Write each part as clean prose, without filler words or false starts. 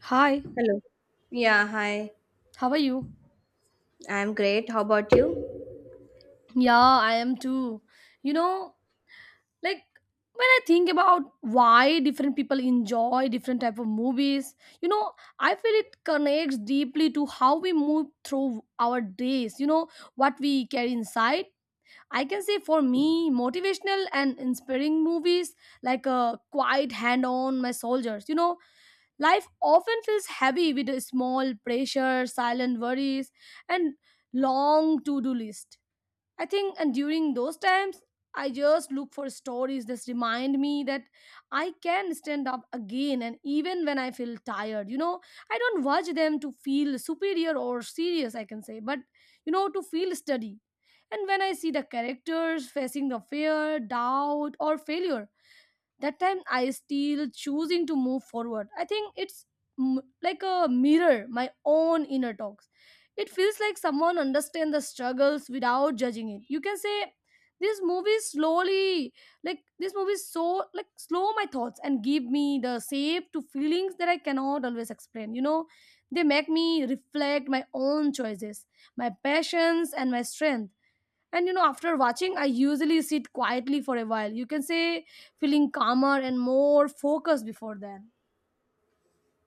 Hi, Hello. Yeah, hi. how are you? I'm great. How about you? Yeah, I am too. You know, like when I think about why different people enjoy different type of movies, you know, I feel it connects deeply to how we move through our days, you know, what we carry inside. I can say for me, motivational and inspiring movies like a quiet hand on my soldiers, you know, life often feels heavy with a small pressure, silent worries and long to-do list I think, and during those times, I just look for stories that remind me that I can stand up again, and even when I feel tired, you know, I don't watch them to feel superior or serious, I can say, but you know, to feel steady. And when I see the characters facing the fear, doubt, or failure, that time I still choosing to move forward. I think it's like a mirror my own inner talks. It feels like someone understand the struggles without judging it, you can say. This movie slowly, like this movie so like slow my thoughts and give me the shape to feelings that I cannot always explain, you know. They make me reflect my own choices, my passions and my strength. And you know, after watching, I usually sit quietly for a while. You can say feeling calmer and more focused before then.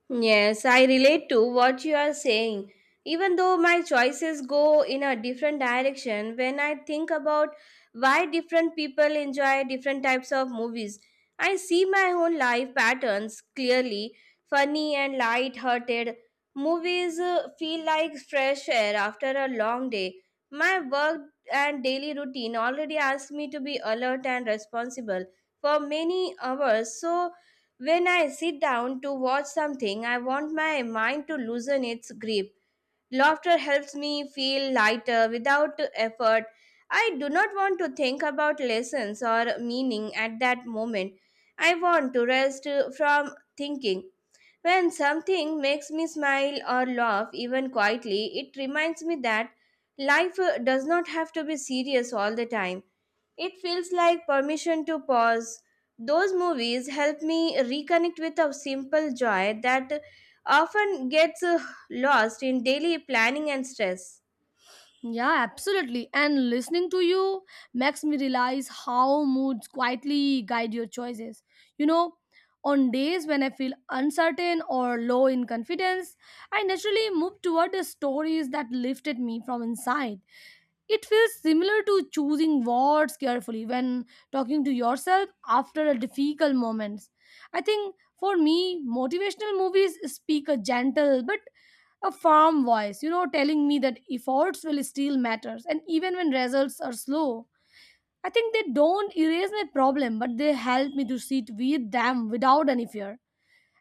Yes, I relate to what you are saying. Even though my choices go in a different direction, when I think about why different people enjoy different types of movies, I see my own life patterns clearly. Funny and light hearted movies feel like fresh air after a long day. My work and daily routine already asks me to be alert and responsible for many hours, so when I sit down to watch something, I want my mind to loosen its grip. Laughter helps me feel lighter without effort. I do not want to think about lessons or meaning at that moment. I want to rest from thinking. When something makes me smile or laugh, even quietly, it reminds me that life does not have to be serious all the time. It feels like permission to pause. Those movies help me reconnect with a simple joy that often gets lost in daily planning and stress. Yeah, absolutely. And listening to you makes me realize how moods quietly guide your choices. You know, on days when I feel uncertain or low in confidence, I naturally move toward the stories that lifted me from inside. It feels similar to choosing words carefully when talking to yourself after a difficult moments. I think for me, motivational movies speak a gentle but a firm voice, you know, telling me that efforts will still matters, and even when results are slow. I think they don't erase my problem, but they help me to sit with them without any fear.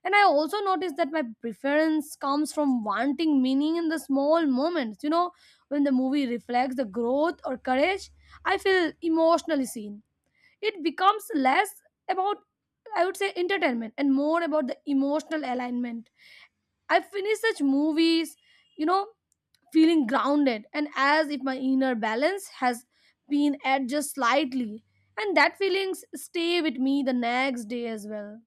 And I also notice that my preference comes from wanting meaning in the small moments. You know, when the movie reflects the growth or courage, I feel emotionally seen. It becomes less about, I would say, entertainment and more about the emotional alignment. I finish such movies, you know, feeling grounded and as if my inner balance has been adjusted slightly, and that feelings stay with me the next day as well.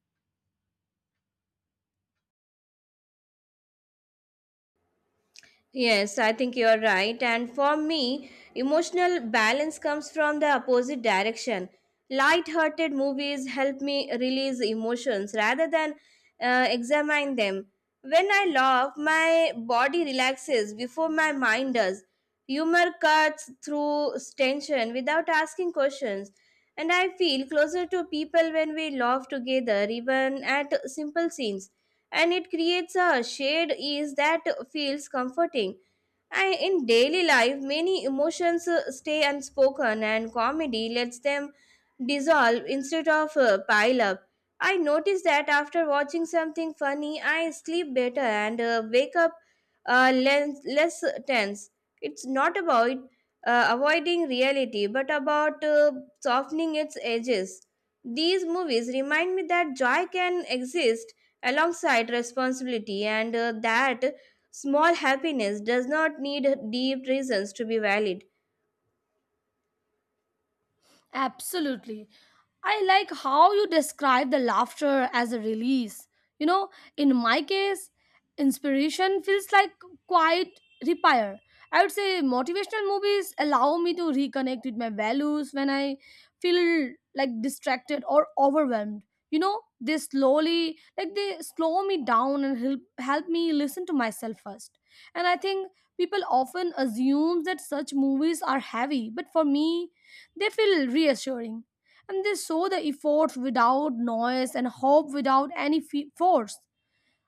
Yes, I think you're right. And for me, emotional balance comes from the opposite direction. Light-hearted movies help me release emotions rather than examine them. When I laugh, my body relaxes before my mind does. Humor cuts through tension without asking questions. And I feel closer to people when we laugh together, even at simple scenes. And it creates a shared ease that feels comforting. I, in daily life, many emotions stay unspoken, and comedy lets them dissolve instead of pile up. I notice that after watching something funny, I sleep better and wake up less tense. It's not about avoiding reality, but about softening its edges. These movies remind me that joy can exist alongside responsibility and that small happiness does not need deep reasons to be valid. Absolutely. I like how you describe the laughter as a release. You know, in my case, inspiration feels like quiet repair. I would say motivational movies allow me to reconnect with my values when I feel like distracted or overwhelmed. You know, they slowly, like they slow me down and help me listen to myself first. And I think people often assume that such movies are heavy, but for me, they feel reassuring and they show the efforts without noise and hope without any force.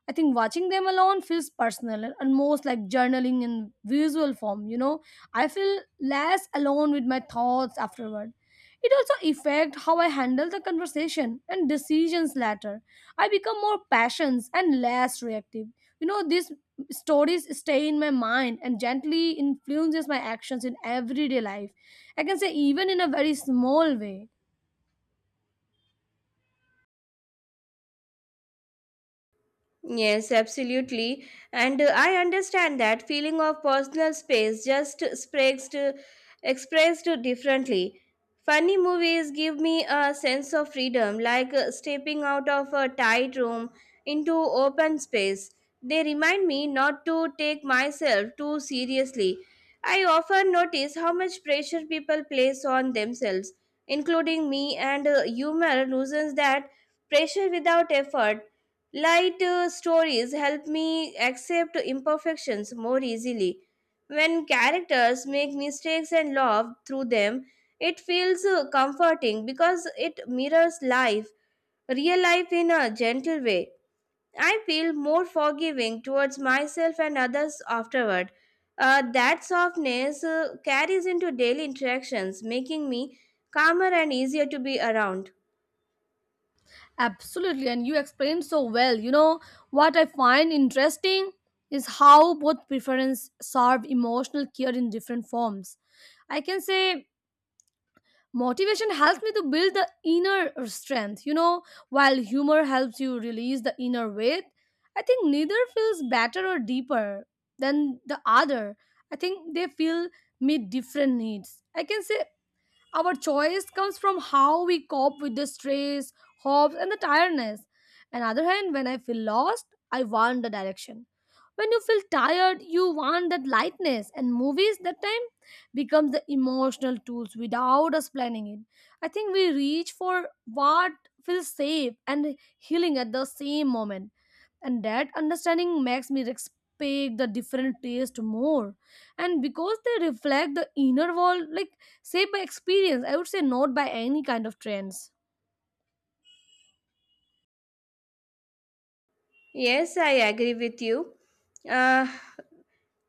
I think watching them alone feels personal and most like journaling in visual form, you know. I feel less alone with my thoughts afterward. It also affects how I handle the conversation and decisions later. I become more passionate and less reactive. You know, these stories stay in my mind and gently influences my actions in everyday life. I can say even in a very small way. Yes, absolutely. And I understand that feeling of personal space just expressed differently. Funny movies give me a sense of freedom, like stepping out of a tight room into open space. They remind me not to take myself too seriously. I often notice how much pressure people place on themselves, including me, and humor loosens that pressure without effort. Light stories help me accept imperfections more easily. When characters make mistakes and laugh through them, it feels comforting because it mirrors life, real life in a gentle way. I feel more forgiving towards myself and others afterward. That softness carries into daily interactions, making me calmer and easier to be around. Absolutely, and you explained so well. You know, what I find interesting is how both preference serve emotional care in different forms. I can say motivation helps me to build the inner strength, you know, while humor helps you release the inner weight. I think neither feels better or deeper than the other. I think they feel meet different needs. I can say our choice comes from how we cope with the stress, hopes, and the tiredness. On the other hand, when I feel lost, I want the direction. When you feel tired, you want that lightness, and movies that time become the emotional tools without us planning it. I think we reach for what feels safe and healing at the same moment, and that understanding makes me respect the different taste more, and because they reflect the inner world like saved by experience, I would say, not by any kind of trends. Yes, I agree with you. Uh,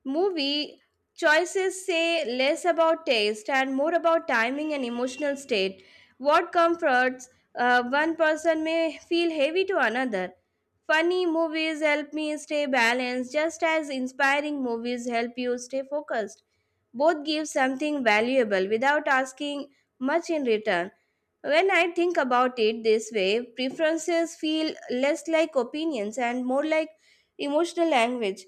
Movie choices say less about taste and more about timing and emotional state. What comforts one person may feel heavy to another. Funny movies help me stay balanced, just as inspiring movies help you stay focused. Both give something valuable without asking much in return. When I think about it this way, preferences feel less like opinions and more like emotional language.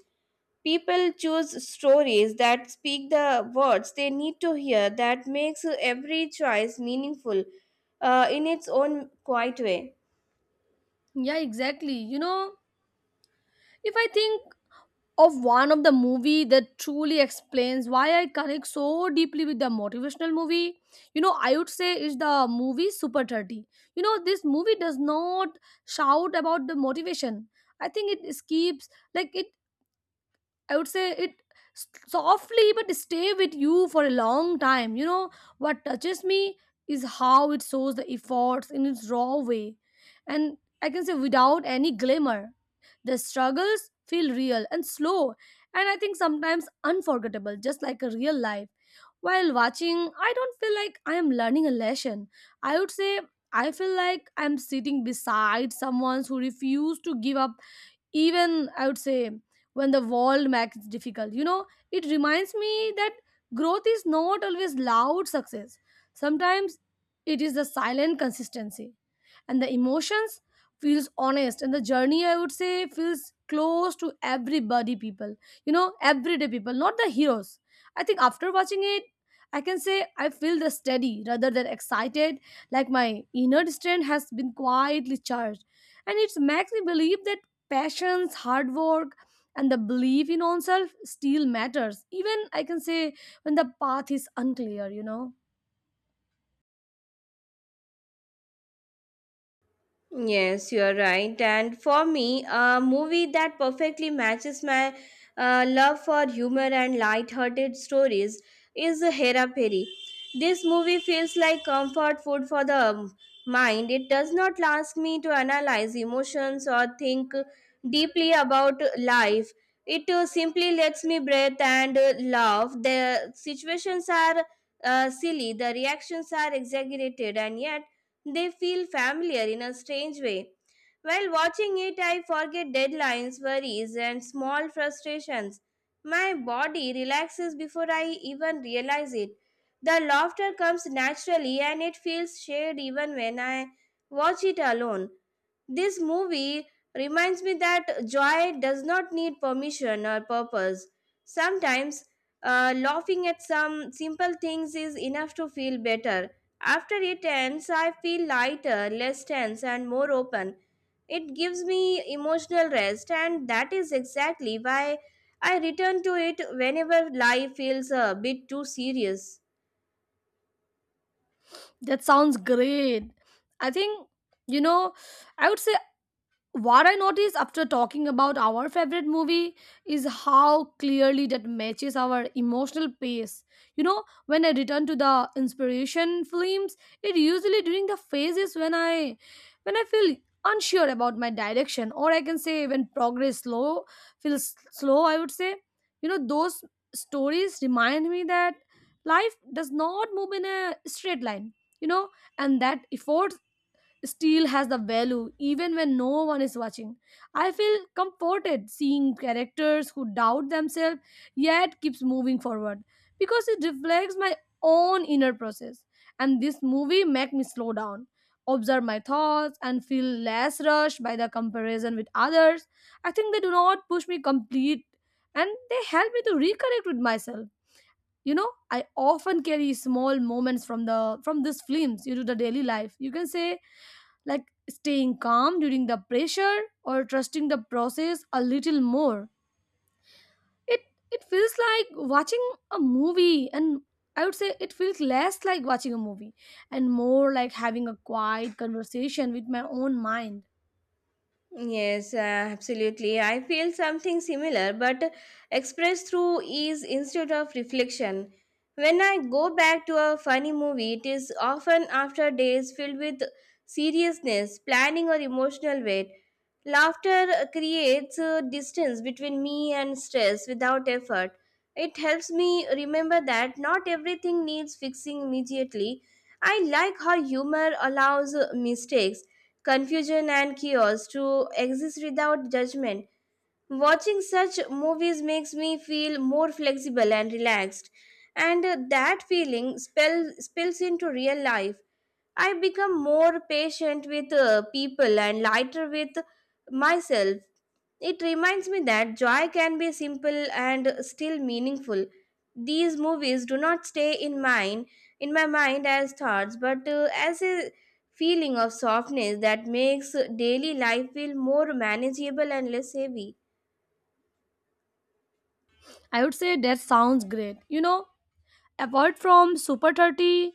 People choose stories that speak the words they need to hear. That makes every choice meaningful in its own quiet way. Yeah, exactly. You know, if I think of one of the movie that truly explains why I connect so deeply with the motivational movie, you know, I would say is the movie Super 30. You know, this movie does not shout about the motivation. I think it skips like it, I would say it softly but stay with you for a long time. You know, what touches me is how it shows the efforts in its raw way. And I can say without any glamour. The struggles feel real and slow, and I think sometimes unforgettable, just like a real life. While watching, I don't feel like I am learning a lesson. I would say I feel like I'm sitting beside someone who refused to give up, even I would say, when the world makes it difficult, you know. It reminds me that growth is not always loud success. Sometimes it is the silent consistency, and the emotions feels honest, and the journey, I would say, feels close to everybody people, you know, everyday people, not the heroes. I think after watching it, I can say I feel the steady rather than excited, like my inner strength has been quietly charged. And it makes me believe that passions, hard work and the belief in oneself still matters, even I can say when the path is unclear, you know. Yes, you are right. And for me, a movie that perfectly matches my love for humor and light-hearted stories is Hera Peri. This movie feels like comfort food for the mind. It does not ask me to analyze emotions or think deeply about life. It simply lets me breathe and laugh. The situations are silly, the reactions are exaggerated, and yet they feel familiar in a strange way. While watching it, I forget deadlines, worries, and small frustrations. My body relaxes before I even realize it. The laughter comes naturally and it feels shared even when I watch it alone. This movie reminds me that joy does not need permission or purpose. Sometimes, laughing at some simple things is enough to feel better. After it ends, I feel lighter, less tense, and more open. It gives me emotional rest, and that is exactly why I return to it whenever life feels a bit too serious. That sounds great. I think, you know, I would say what I notice after talking about our favorite movie is how clearly that matches our emotional pace. You know, when I return to the inspiration films, it usually during the phases when I feel unsure about my direction, or I can say when progress slow feels slow. I would say, you know, those stories remind me that life does not move in a straight line. You know, and that effort steel has the value even when no one is watching. I feel comforted seeing characters who doubt themselves yet keeps moving forward because it reflects my own inner process. And this movie make me slow down, observe my thoughts and feel less rushed by the comparison with others. I think they do not push me complete, and they help me to reconnect with myself. You know, I often carry small moments from these films into the daily life. You can say like staying calm during the pressure or trusting the process a little more. It it feels like watching a movie and, I would say, it feels less like watching a movie and more like having a quiet conversation with my own mind. Yes, absolutely. I feel something similar, but expressed through ease instead of reflection. When I go back to a funny movie, it is often after days filled with seriousness, planning, or emotional weight. Laughter creates a distance between me and stress without effort. It helps me remember that not everything needs fixing immediately. I like how humor allows mistakes, confusion and chaos to exist without judgment. Watching such movies makes me feel more flexible and relaxed, and that spills into real life. I become more patient with people and lighter with myself. It reminds me that joy can be simple and still meaningful. These movies do not stay in my mind as thoughts but as a feeling of softness that makes daily life feel more manageable and less heavy. I would say that sounds great. You know, apart from Super 30,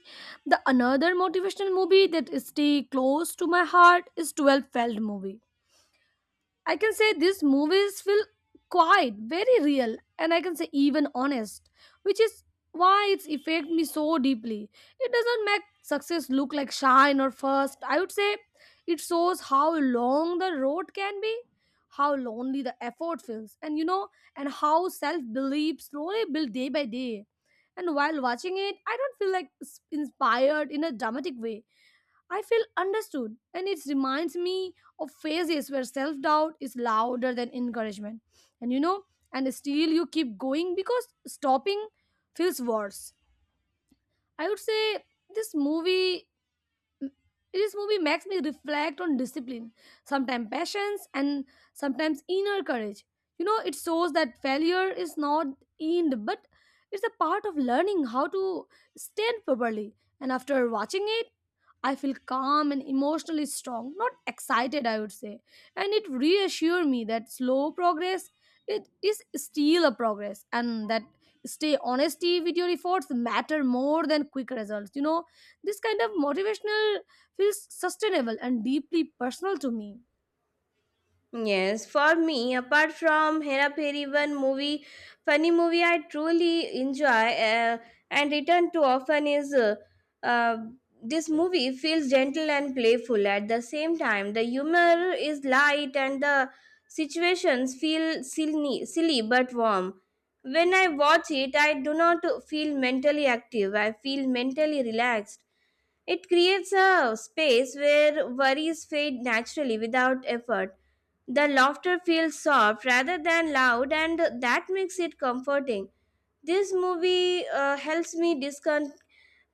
the another motivational movie that stay close to my heart is 12 Feld movie. I can say these movies feel quite very real, and I can say even honest, which is why it's affect me so deeply. It doesn't make success look like shine or first. I would say it shows how long the road can be, how lonely the effort feels, and you know, and how self belief slowly build day by day. And while watching it, I don't feel like inspired in a dramatic way. I feel understood, and it reminds me of phases where self doubt is louder than encouragement. And you know, and still you keep going because stopping feels worse. I would say this movie this movie makes me reflect on discipline, sometimes patience, and sometimes inner courage. You know, it shows that failure is not end, but it's a part of learning how to stand properly. And after watching it, I feel calm and emotionally strong, not excited, I would say. And it reassures me that slow progress, it is still a progress, and that stay honesty with your efforts matter more than quick results, you know. This kind of motivational feels sustainable and deeply personal to me. Yes, for me, apart from Hera Peri, funny movie I truly enjoy and return to often is uh, this movie feels gentle and playful at the same time. The humor is light and the situations feel silly but warm. When I watch it, I do not feel mentally active. I feel mentally relaxed. It creates a space where worries fade naturally without effort. The laughter feels soft rather than loud, and that makes it comforting. This movie helps me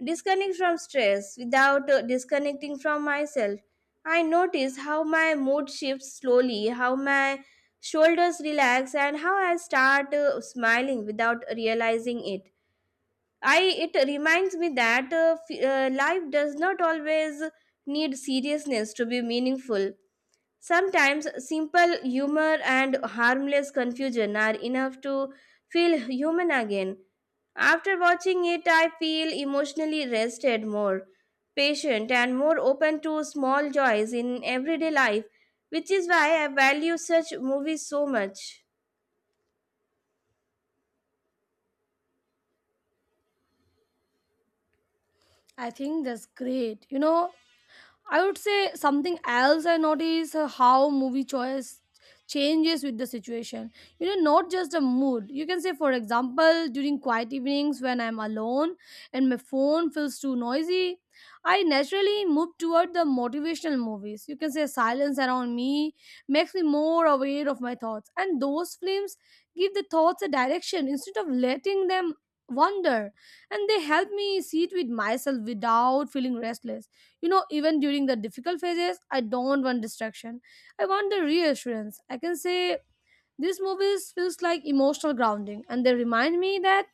disconnect from stress without disconnecting from myself. I notice how my mood shifts slowly, how my shoulders relax, and how I start smiling without realizing it. I it reminds me that life does not always need seriousness to be meaningful. Sometimes simple humor and harmless confusion are enough to feel human again. After watching it, I feel emotionally rested, more patient, and more open to small joys in everyday life, which is why I value such movies so much. I think that's great. You know, I would say something else I notice, how movie choice changes with the situation. You know, not just the mood. You can say, for example, during quiet evenings when I'm alone and my phone feels too noisy, I naturally move toward the motivational movies. You can say silence around me makes me more aware of my thoughts, and those films give the thoughts a direction instead of letting them wander, and they help me sit with myself without feeling restless. You know, even during the difficult phases, I don't want distraction. I want the reassurance. I can say these movies feels like emotional grounding and they remind me that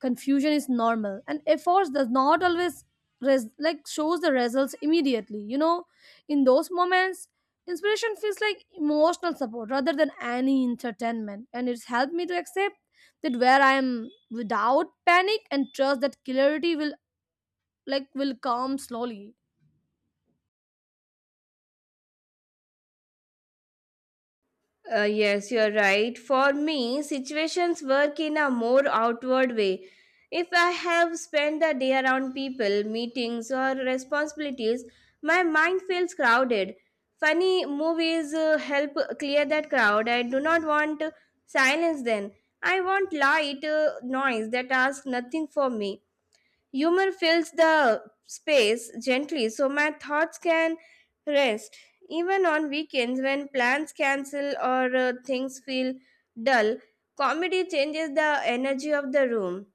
confusion is normal and efforts does not always like shows the results immediately. You know, in those moments, inspiration feels like emotional support rather than any entertainment and it's helped me to accept that where I am without panic and trust that clarity will will come slowly. Yes, you're right. For me, situations work in a more outward way. If I have spent the day around people, meetings, or responsibilities, my mind feels crowded. Funny movies help clear that crowd. I do not want silence then. I want light noise that asks nothing for me. Humor fills the space gently so my thoughts can rest. Even on weekends, when plans cancel or things feel dull, comedy changes the energy of the room.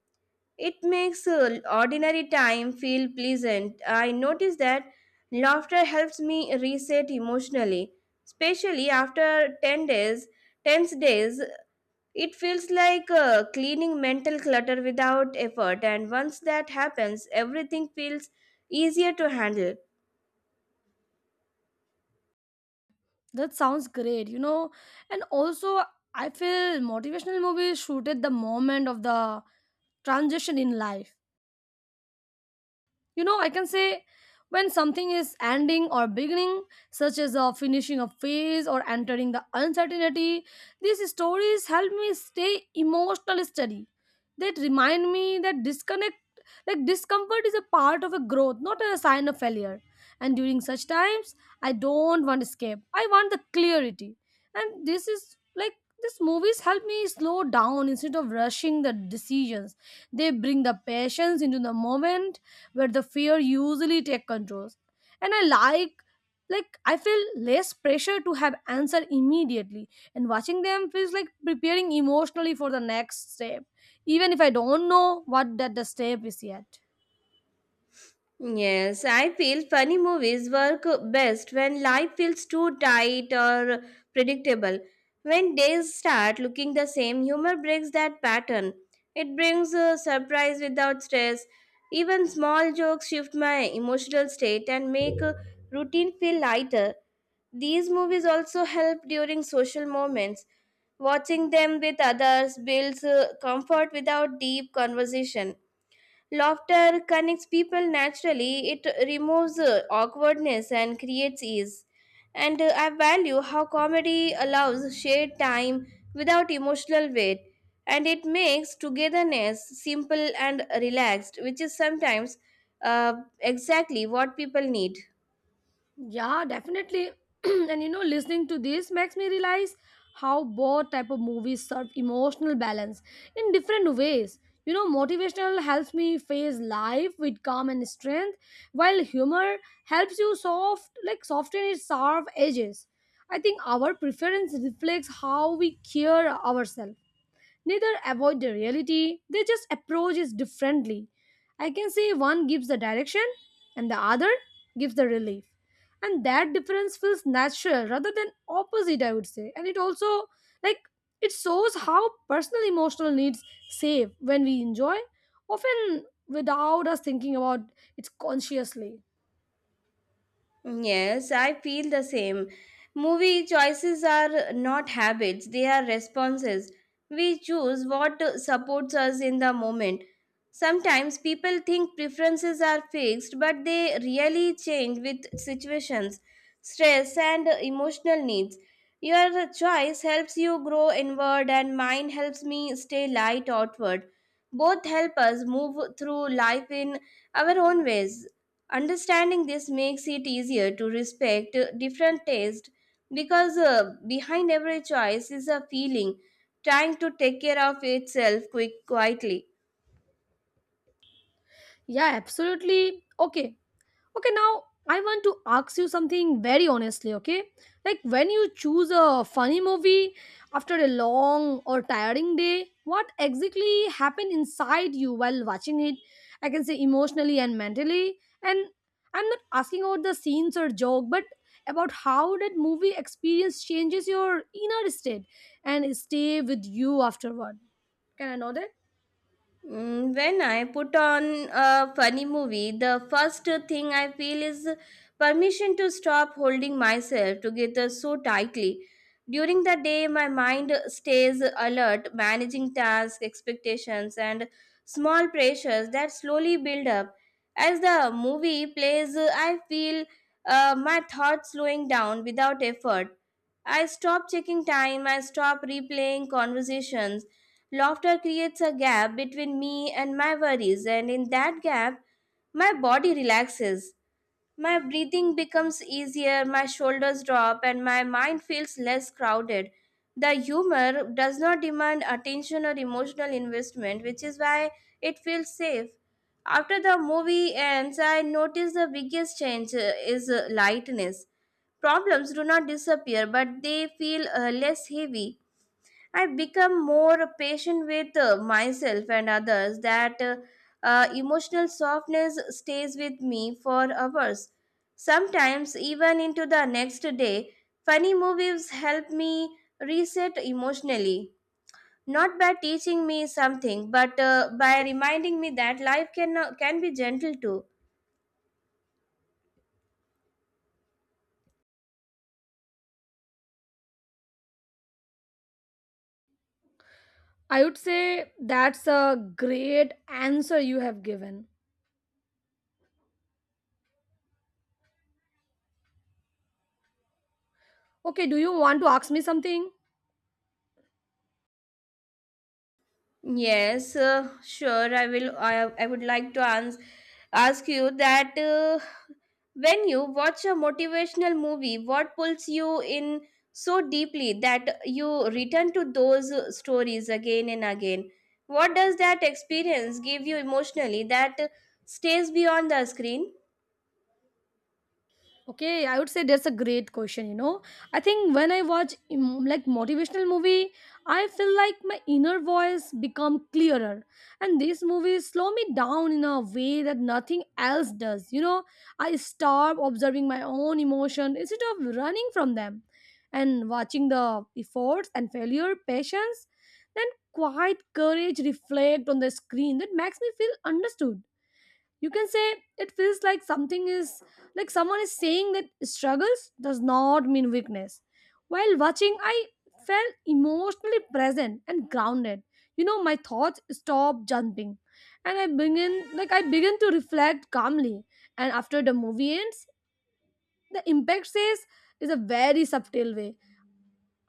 It makes ordinary time feel pleasant. I notice that laughter helps me reset emotionally, especially after 10 days, tense days. It feels like cleaning mental clutter without effort, and once that happens, everything feels easier to handle. That sounds great, you know. And also, I feel motivational movies shoot at the moment of the transition in life. You know, I can say when something is ending or beginning, such as finishing a phase or entering the uncertainty, these stories help me stay emotionally steady. That remind me that disconnect, like discomfort, is a part of a growth, not a sign of failure. And during such times, I don't want escape. I want the clarity. And this is like these movies help me slow down instead of rushing the decisions. They bring the patience into the moment where the fear usually take controls and I like I feel less pressure to have answer immediately, and watching them feels like preparing emotionally for the next step, even if I don't know what that the step is yet. Yes, I feel funny movies work best when life feels too tight or predictable. When days start looking the same, humor breaks that pattern. It brings a surprise without stress. Even small jokes shift my emotional state and make a routine feel lighter. These movies also help during social moments. Watching them with others builds comfort without deep conversation. Laughter connects people naturally, it removes awkwardness and creates ease. And I value how comedy allows shared time without emotional weight. And it makes togetherness simple and relaxed, which is sometimes uh, exactly what people need. Yeah, definitely. And you know, listening to this makes me realize how both type of movies serve emotional balance in different ways. You know, motivational helps me face life with calm and strength, while humor helps you soften its sharp edges. I think our preference reflects how we care ourselves, neither avoid the reality, they just approach it differently. I can say one gives the direction and the other gives the relief, and that difference feels natural rather than opposite, I would say. And it also like it shows how personal emotional needs save when we enjoy, often without us thinking about it consciously. Yes, I feel the same. Movie choices are not habits, they are responses. We choose what supports us in the moment. Sometimes people think preferences are fixed, but they really change with situations, stress, and emotional needs. Your choice helps you grow inward, and mine helps me stay light outward. Both help us move through life in our own ways. Understanding this makes it easier to respect different tastes because behind every choice is a feeling trying to take care of itself quick quietly. Yeah, absolutely. Okay. Okay, now I want to ask you something very honestly, okay? Like when you choose a funny movie after a long or tiring day, what exactly happened inside you while watching it? I can say emotionally and mentally. And I'm not asking about the scenes or joke, but about how that movie experience changes your inner state and stay with you afterward. Can I know that? Mm, when I put on a funny movie, the first thing I feel is permission to stop holding myself together so tightly. During the day, my mind stays alert, managing tasks, expectations, and small pressures that slowly build up. As the movie plays, I feel my thoughts slowing down without effort. I stop checking time, I stop replaying conversations. Laughter creates a gap between me and my worries, and in that gap, my body relaxes. My breathing becomes easier, my shoulders drop, and my mind feels less crowded. The humor does not demand attention or emotional investment, which is why it feels safe. After the movie ends, I notice the biggest change is lightness. Problems do not disappear, but they feel less heavy. I've become more patient with myself and others. That Emotional softness stays with me for hours. Sometimes, even into the next day, funny movies help me reset emotionally. Not by teaching me something, but by reminding me that life can be gentle too. I would say that's a great answer you have given. Okay, do you want to ask me something? Yes, sure. I would like to ask you that when you watch a motivational movie, what pulls you in so deeply that you return to those stories again and again? What does that experience give you emotionally that stays beyond the screen? Okay, I would say that's a great question, you know. I think when I watch like motivational movie, I feel like my inner voice become clearer. And these movies slow me down in a way that nothing else does. You know, I stop observing my own emotion instead of running from them. And watching the efforts and failure, patience, then quiet courage reflect on the screen that makes me feel understood. You can say it feels like something is like someone is saying that struggles does not mean weakness. While watching I felt emotionally present and grounded. You know, my thoughts stop jumping and I begin to reflect calmly. And after the movie ends, the impact says is a very subtle way.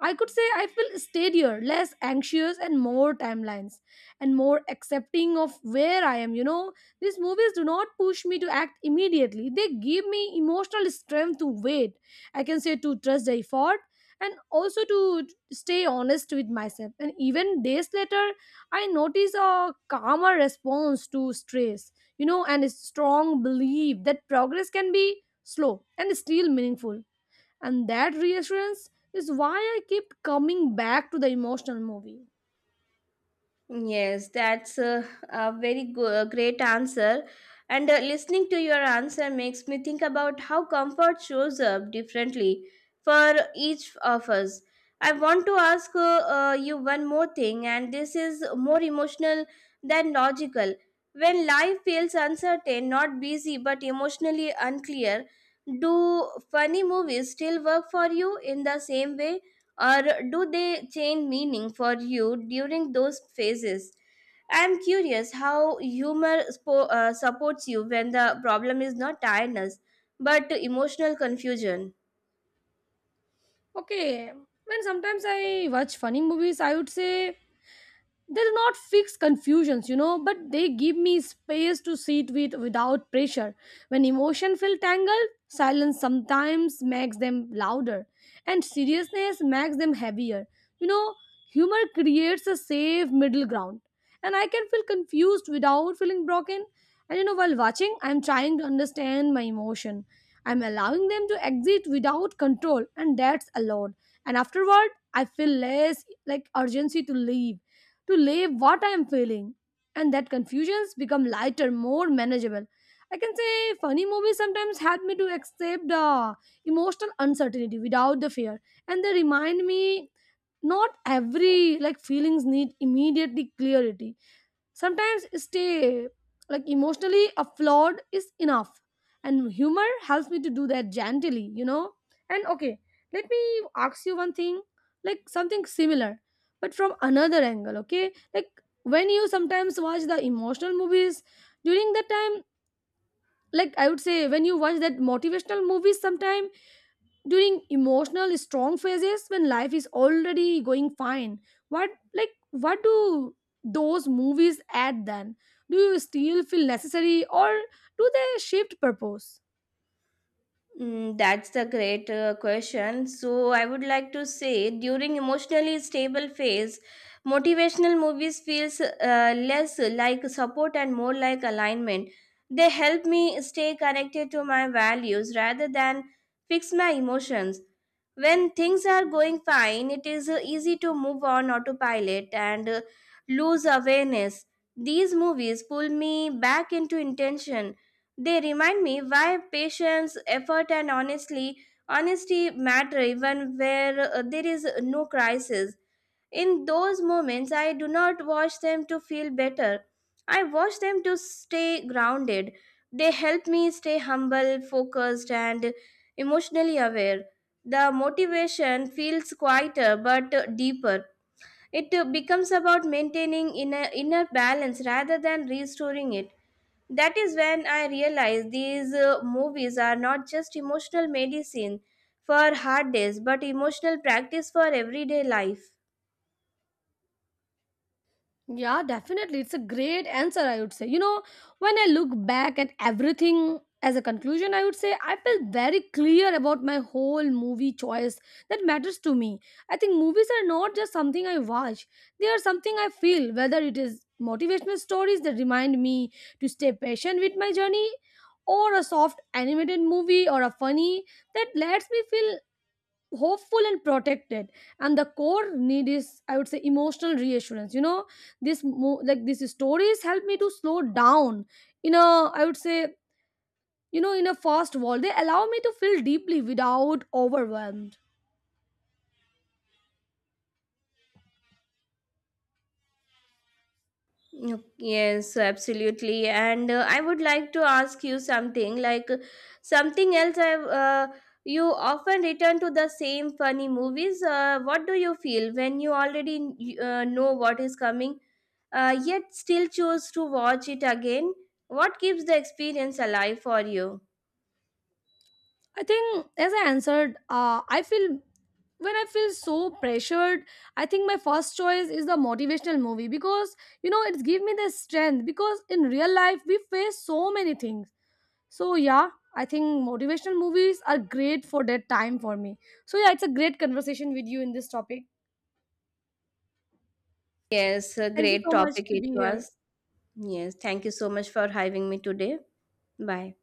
I could say I feel steadier, less anxious, and more timelines and more accepting of where I am. You know, these movies do not push me to act immediately, they give me emotional strength to wait. I can say to trust the effort and also to stay honest with myself. And even days later, I notice a calmer response to stress, you know, and a strong belief that progress can be slow and still meaningful, and that reassurance is why I keep coming back to the emotional movie. Yes, that's a very a great answer. And listening to your answer makes me think about how comfort shows up differently for each of us. I want to ask you one more thing, and this is more emotional than logical. When life feels uncertain, not busy, but emotionally unclear, do funny movies still work for you in the same way, or do they change meaning for you during those phases? I'm curious how humor supports you when the problem is not tiredness but emotional confusion. Okay, when sometimes I watch funny movies, I would say they do not fix confusions, you know, but they give me space to sit with without pressure. When emotion feel tangled, silence sometimes makes them louder and seriousness makes them heavier, you know. Humor creates a safe middle ground and I can feel confused without feeling broken. And you know, while watching I'm trying to understand my emotion, I'm allowing them to exit without control, and that's allowed. And afterward I feel less like urgency to leave, to lay what I am feeling. And that confusions become lighter, more manageable. I can say funny movies sometimes help me to accept the emotional uncertainty without the fear. And they remind me not every like feelings need immediately clarity. Sometimes stay like emotionally flawed is enough. And humor helps me to do that gently, you know? And okay, let me ask you one thing, like something similar, but from another angle, okay? Like when you sometimes watch the emotional movies during that time, like I would say when you watch that motivational movies sometime during emotional strong phases when life is already going fine, what like what do those movies add then? Do you still feel necessary or do they shift purpose? Mm, that's the great question. So I would like to say during emotionally stable phase, motivational movies feels less like support and more like alignment. They help me stay connected to my values rather than fix my emotions. When things are going fine, it is easy to move on autopilot and lose awareness. These movies pull me back into intention. They remind me why patience, effort, and honesty matter even where there is no crisis. In those moments, I do not watch them to feel better. I watch them to stay grounded. They help me stay humble, focused, and emotionally aware. The motivation feels quieter but deeper. It becomes about maintaining inner balance rather than restoring it. That is when I realized these movies are not just emotional medicine for hard days, but emotional practice for everyday life. Yeah, definitely. It's a great answer, I would say. You know, when I look back at everything as a conclusion, I would say I felt very clear about my whole movie choice that matters to me. I think movies are not just something I watch, they are something I feel, whether it is motivational stories that remind me to stay patient with my journey, or a soft animated movie or a funny that lets me feel hopeful and protected. And the core need is, I would say, emotional reassurance, you know. This mo- like these stories help me to slow down in a, I would say, you know, in a fast world they allow me to feel deeply without overwhelmed. Mm, yes, absolutely. And I would like to ask you something like something else. I You often return to the same funny movies. What do you feel when you already know what is coming, yet still choose to watch it again? What keeps the experience alive for you? I think as I answered, I feel when I feel so pressured, I think my first choice is the motivational movie because, you know, it's give me the strength because in real life we face so many things. So yeah, I think motivational movies are great for that time for me. So yeah, it's a great conversation with you in this topic. Yes, a Thank you great so much topic to it be here. was. Yes, thank you so much for having me today. Bye.